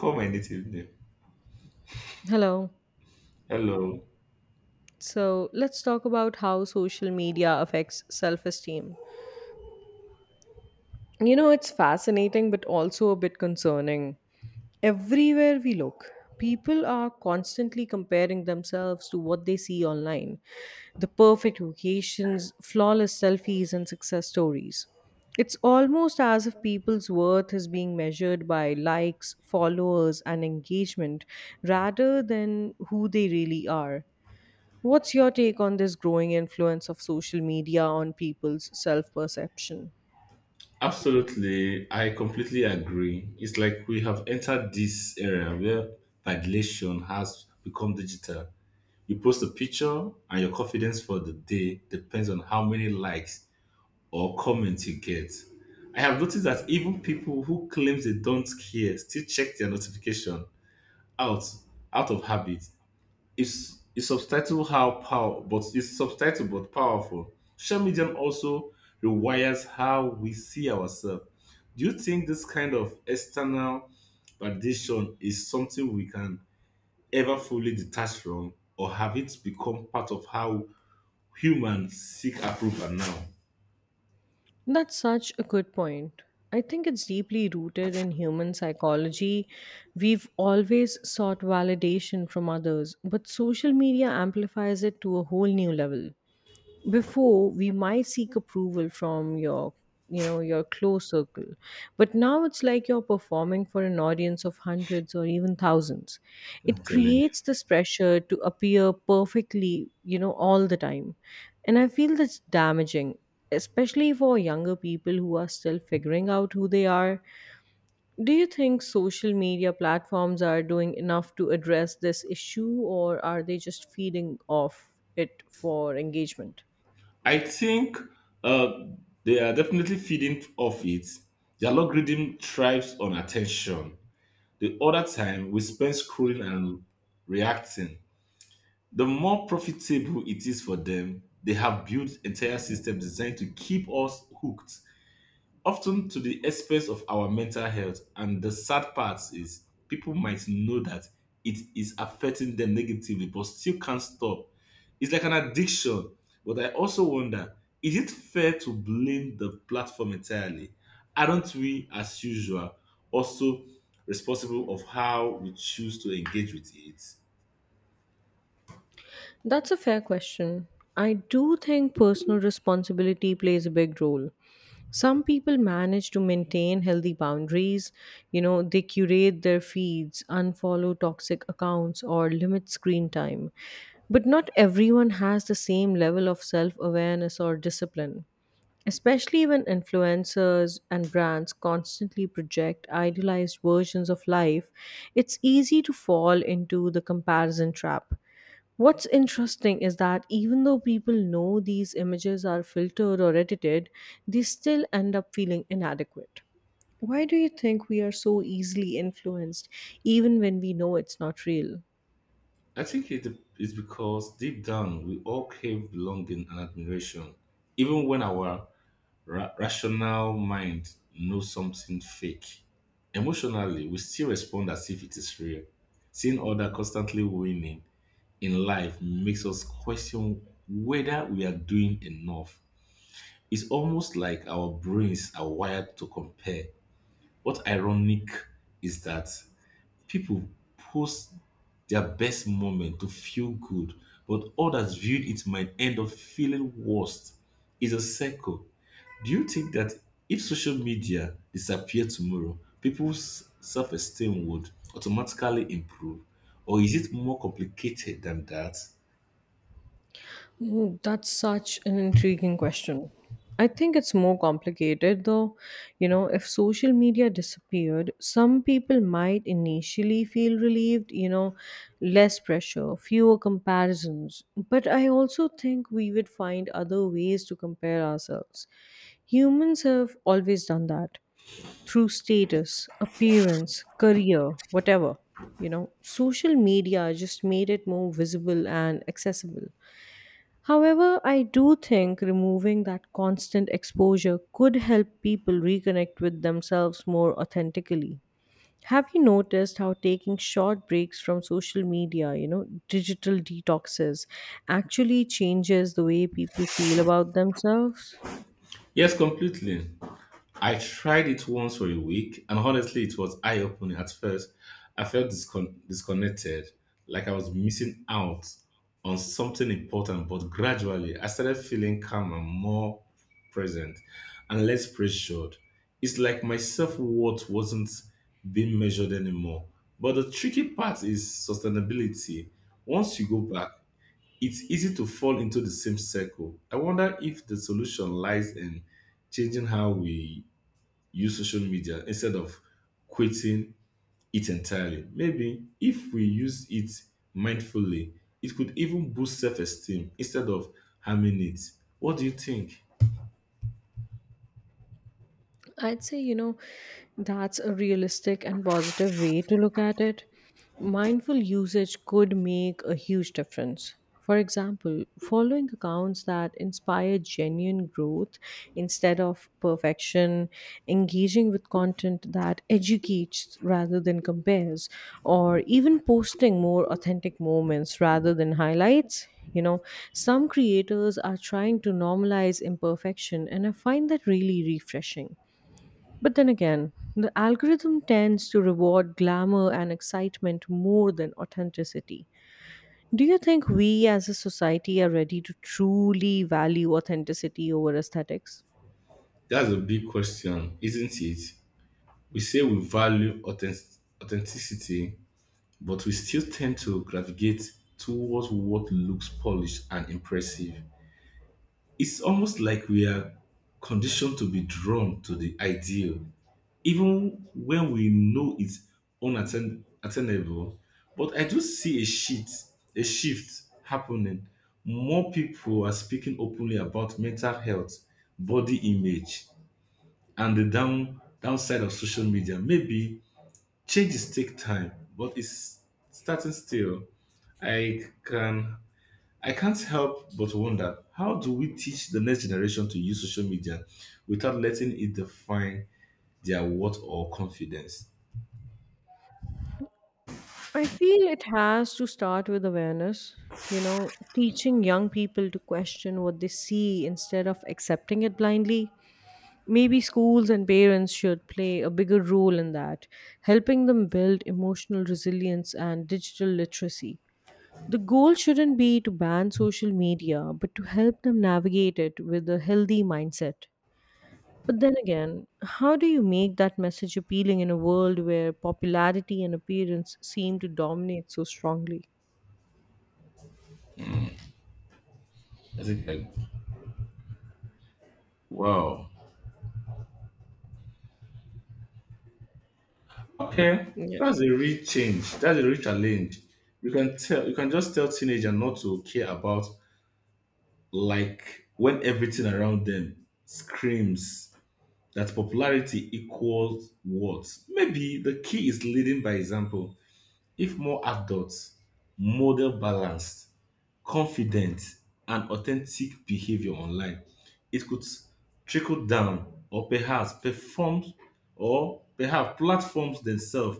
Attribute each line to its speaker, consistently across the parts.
Speaker 1: Call my native name.
Speaker 2: Hello.
Speaker 1: Hello.
Speaker 2: So let's talk about how social media affects self esteem. You know, it's fascinating but also a bit concerning. Everywhere we look, people are constantly comparing themselves to what they see online, the perfect vacations, flawless selfies, and success stories. It's almost as if people's worth is being measured by likes, followers, and engagement rather than who they really are. What's your take on this growing influence of social media on people's self perception?
Speaker 1: Absolutely, I completely agree. It's like we have entered this era where validation has become digital. You post a picture, and your confidence for the day depends on how many likes or comments you get. I have noticed that even people who claim they don't care still check their notification out out of habit. It's subtitle how power, but it's subtitle but powerful. Social media also rewires how we see ourselves. Do you think this kind of external validation is something we can ever fully detach from, or have it become part of how humans seek approval now?
Speaker 2: That's such a good point. I think it's deeply rooted in human psychology. We've always sought validation from others, but social media amplifies it to a whole new level. Before we might seek approval from your you know your close circle, but now it's like you're performing for an audience of hundreds or even thousands.
Speaker 1: I'm
Speaker 2: It
Speaker 1: telling you.
Speaker 2: creates this pressure to appear perfectly, all the time. And I feel that's damaging, especially for younger people who are still figuring out who they are. Do you think social media platforms are doing enough to address this issue, or are they just feeding off it for engagement?
Speaker 1: I think uh, they are definitely feeding off it. The algorithm thrives on attention. The other time we spend scrolling and reacting. The more profitable it is for them, they have built entire systems designed to keep us hooked often to the expense of our mental health. And the sad part is people might know that it is affecting them negatively, but still can't stop. It's like an addiction. But I also wonder, is it fair to blame the platform entirely? Aren't we, as usual, also responsible of how we choose to engage with it?
Speaker 2: That's a fair question. I do think personal responsibility plays a big role. Some people manage to maintain healthy boundaries, you know, they curate their feeds, unfollow toxic accounts, or limit screen time. But not everyone has the same level of self awareness or discipline, especially when influencers and brands constantly project idealized versions of life. It's easy to fall into the comparison trap. What's interesting is that even though people know these images are filtered or edited, they still end up feeling inadequate. Why do you think we are so easily influenced, even when we know it's not real?
Speaker 1: I think it is because deep down we all crave belonging and admiration, even when our rational mind knows something fake. Emotionally, we still respond as if it is real. Seeing other constantly winning in life makes us question whether we are doing enough. It's almost like our brains are wired to compare. What ironic is that people post their best moment to feel good, but others viewed it might end up feeling worse. It's a circle. Do you think that if social media disappeared tomorrow, people's self esteem would automatically improve? Or is it more complicated than that?
Speaker 2: Mm, that's such an intriguing question. I think it's more complicated though. You know, if social media disappeared, some people might initially feel relieved, you know, less pressure, fewer comparisons. But I also think we would find other ways to compare ourselves. Humans have always done that through status, appearance, career, whatever. You know, social media just made it more visible and accessible. However, I do think removing that constant exposure could help people reconnect with themselves more authentically. Have you noticed how taking short breaks from social media, you know, digital detoxes, actually changes the way people feel about themselves?
Speaker 1: Yes, completely. I tried it once for a week, and honestly, it was eye opening at first. I felt disconnected, like I was missing out on something important, but gradually, I started feeling calmer, more present, and less pressured. It's like my self worth wasn't being measured anymore. But the tricky part is sustainability. Once you go back, it's easy to fall into the same circle. I wonder if the solution lies in changing how we use social media instead of quitting it entirely. Maybe if we use it mindfully, it could even boost self esteem instead of harming it. What do you think?
Speaker 2: I'd say, you know, that's a realistic and positive way to look at it. Mindful usage could make a huge difference. For example, following accounts that inspire genuine growth instead of perfection, engaging with content that educates rather than compares, or even posting more authentic moments rather than highlights. You know, some creators are trying to normalize imperfection, and I find that really refreshing. But then again, the algorithm tends to reward glamour and excitement more than authenticity. Do you think we as a society are ready to truly value authenticity over aesthetics?
Speaker 1: That's a big question, isn't it? We say we value authenticity, but we still tend to gravitate towards what looks polished and impressive. It's almost like we are conditioned to be drawn to the ideal, even when we know it's unattainable. But I do see a shift happening. More people are speaking openly about mental health, body image, and the downside of social media. Maybe changes take time, but it's starting still. I can I can't help but wonder, how do we teach the next generation to use social media without letting it define their worth or confidence?
Speaker 2: I feel it has to start with awareness, you know, teaching young people to question what they see instead of accepting it blindly. Maybe schools and parents should play a bigger role in that, helping them build emotional resilience and digital literacy. The goal shouldn't be to ban social media, but to help them navigate it with a healthy mindset. But then again, how do you make that message appealing in a world where popularity and appearance seem to dominate so strongly?
Speaker 1: Is it like, wow, okay,
Speaker 2: Yeah.
Speaker 1: that's a real change. That's a real challenge. You can tell, you can just tell teenager not to care about like when everything around them screams that popularity equals worth. Maybe the key is leading by example. If more adults model balance, confident and authentic behavior online. It could trickle down, or perhaps platforms themselves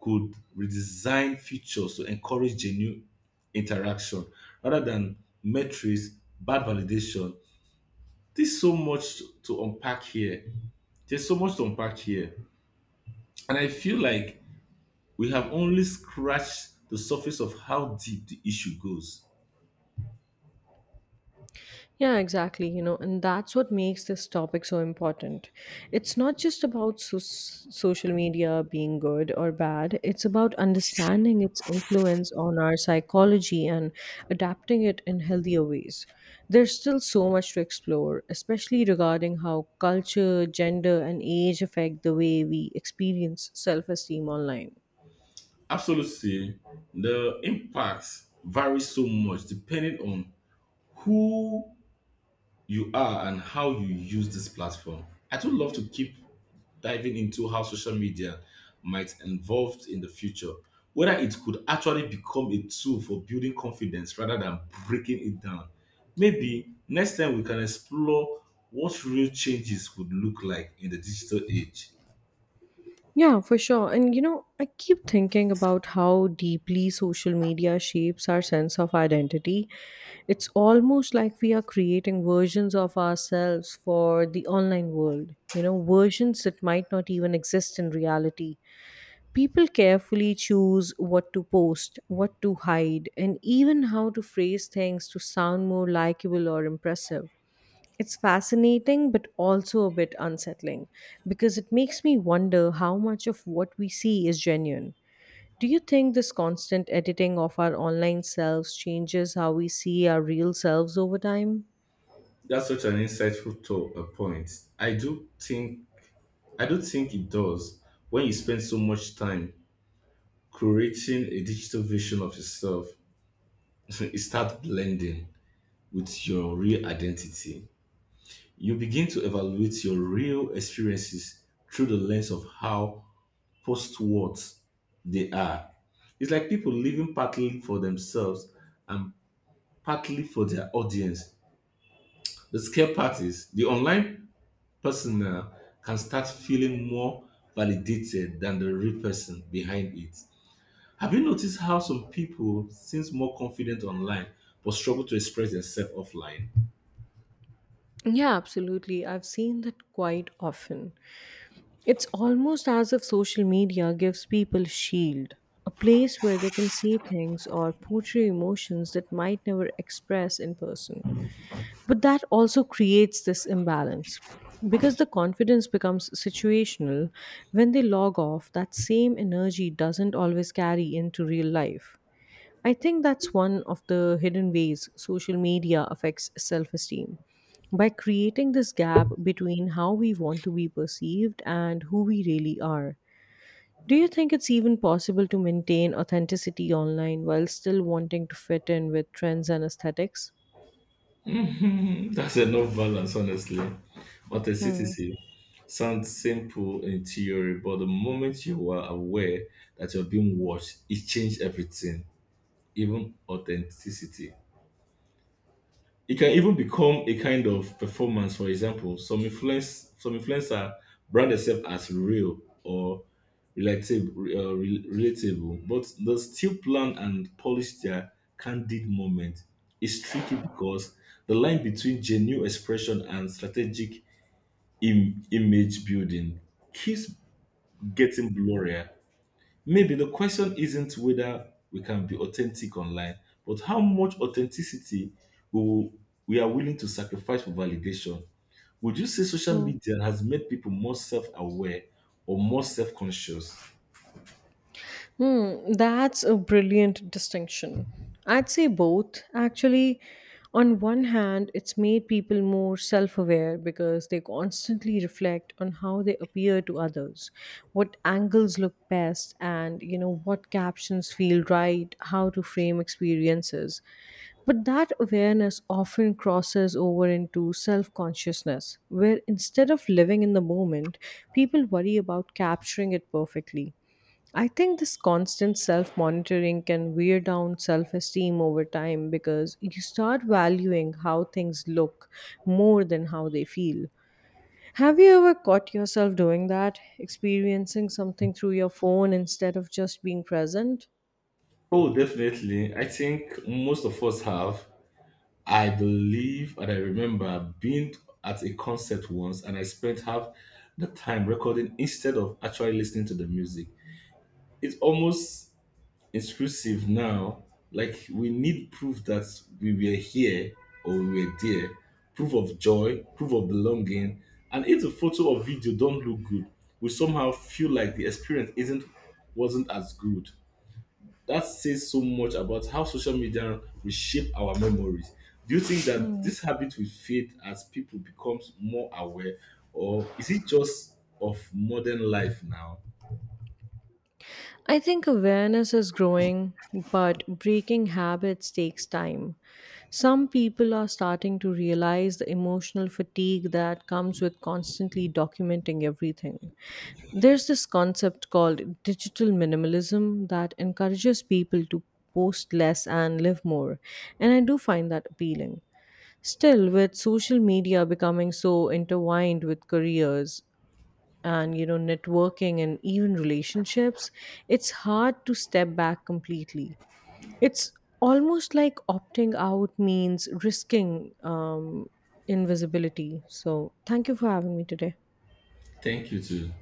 Speaker 1: could redesign features to encourage genuine interaction rather than metrics, bad validation. There's so much to unpack here. There's so much to unpack here. And I feel like we have only scratched the surface of how deep the issue goes.
Speaker 2: Yeah, exactly. You know, and that's what makes this topic so important. It's not just about social media being good or bad, it's about understanding its influence on our psychology and adapting it in healthier ways. There's still so much to explore, especially regarding how culture, gender, and age affect the way we experience self esteem online.
Speaker 1: Absolutely. The impacts vary so much depending on who you are and how you use this platform. I do love to keep diving into how social media might evolve in the future, whether it could actually become a tool for building confidence rather than breaking it down. Maybe next time we can explore what real changes would look like in the digital age.
Speaker 2: Yeah, for sure. And you know, I keep thinking about how deeply social media shapes our sense of identity. It's almost like we are creating versions of ourselves for the online world, you know, versions that might not even exist in reality. People carefully choose what to post, what to hide, and even how to phrase things to sound more likable or impressive. It's fascinating, but also a bit unsettling because it makes me wonder how much of what we see is genuine. Do you think this constant editing of our online selves changes how we see our real selves over time?
Speaker 1: That's such an insightful point. I do think I don't think it does. When you spend so much time creating a digital version of yourself, it starts blending with your real identity. You begin to evaluate your real experiences through the lens of how post what they are. It's like people living partly for themselves and partly for their audience. The scare part is the online persona can start feeling more validated than the real person behind it. Have you noticed how some people seem more confident online but struggle to express themselves offline?
Speaker 2: Yeah, absolutely. I've seen that quite often. It's almost as if social media gives people a shield, a place where they can say things or portray emotions that might never express in person. But that also creates this imbalance because the confidence becomes situational. When they log off, that same energy doesn't always carry into real life. I think that's one of the hidden ways social media affects self esteem, by creating this gap between how we want to be perceived and who we really are. Do you think it's even possible to maintain authenticity online while still wanting to fit in with trends and aesthetics?
Speaker 1: Mhm. That's enough balance, honestly.
Speaker 2: Hmm.
Speaker 1: Authenticity sounds simple in theory, but the moment you are aware that you're being watched, it changes everything, even authenticity. It can even become a kind of performance. For example, some influencer brand themselves as real or relatable, relatable, but they still plan and polish their candid moment. It's tricky because the line between genuine expression and strategic image building keeps getting blurrier. Maybe the question isn't whether we can be authentic online, but how much authenticity we, will- we are willing to sacrifice for validation. Would you say social
Speaker 2: Hmm.
Speaker 1: media has made people more self aware or more self conscious?
Speaker 2: Hmm, that's a brilliant distinction. I'd say both. Actually, on one hand, it's made people more self aware because they constantly reflect on how they appear to others, what angles look best, and you know, what captions feel right, how to frame experiences. But that awareness often crosses over into self consciousness, where instead of living in the moment, people worry about capturing it perfectly. I think this constant self monitoring can wear down self esteem over time because you start valuing how things look more than how they feel. Have you ever caught yourself doing that, experiencing something through your phone instead of just being present?
Speaker 1: Oh, definitely. I think most of us have. I believe and I remember being at a concert once and I spent half the time recording instead of actually listening to the music. It almost exclusive now. Like we need proof that we were here or we were there, proof of joy, proof of belonging. And if the photo or video don't look good, we somehow feel like the experience isn't wasn't as good. That says so much about how social media reshape our memories. Do you think that
Speaker 2: Hmm.
Speaker 1: this habit will fade as people becomes more aware, or is it just of modern life now?
Speaker 2: I think awareness is growing, but breaking habits takes time. Some people are starting to realize the emotional fatigue that comes with constantly documenting everything. There's this concept called digital minimalism that encourages people to post less and live more, and I do find that appealing. Still, with social media becoming so intertwined with careers and you know networking and even relationships, it's hard to step back completely. It's almost like opting out means risking invisibility. So, thank you for having me today.
Speaker 1: Thank you to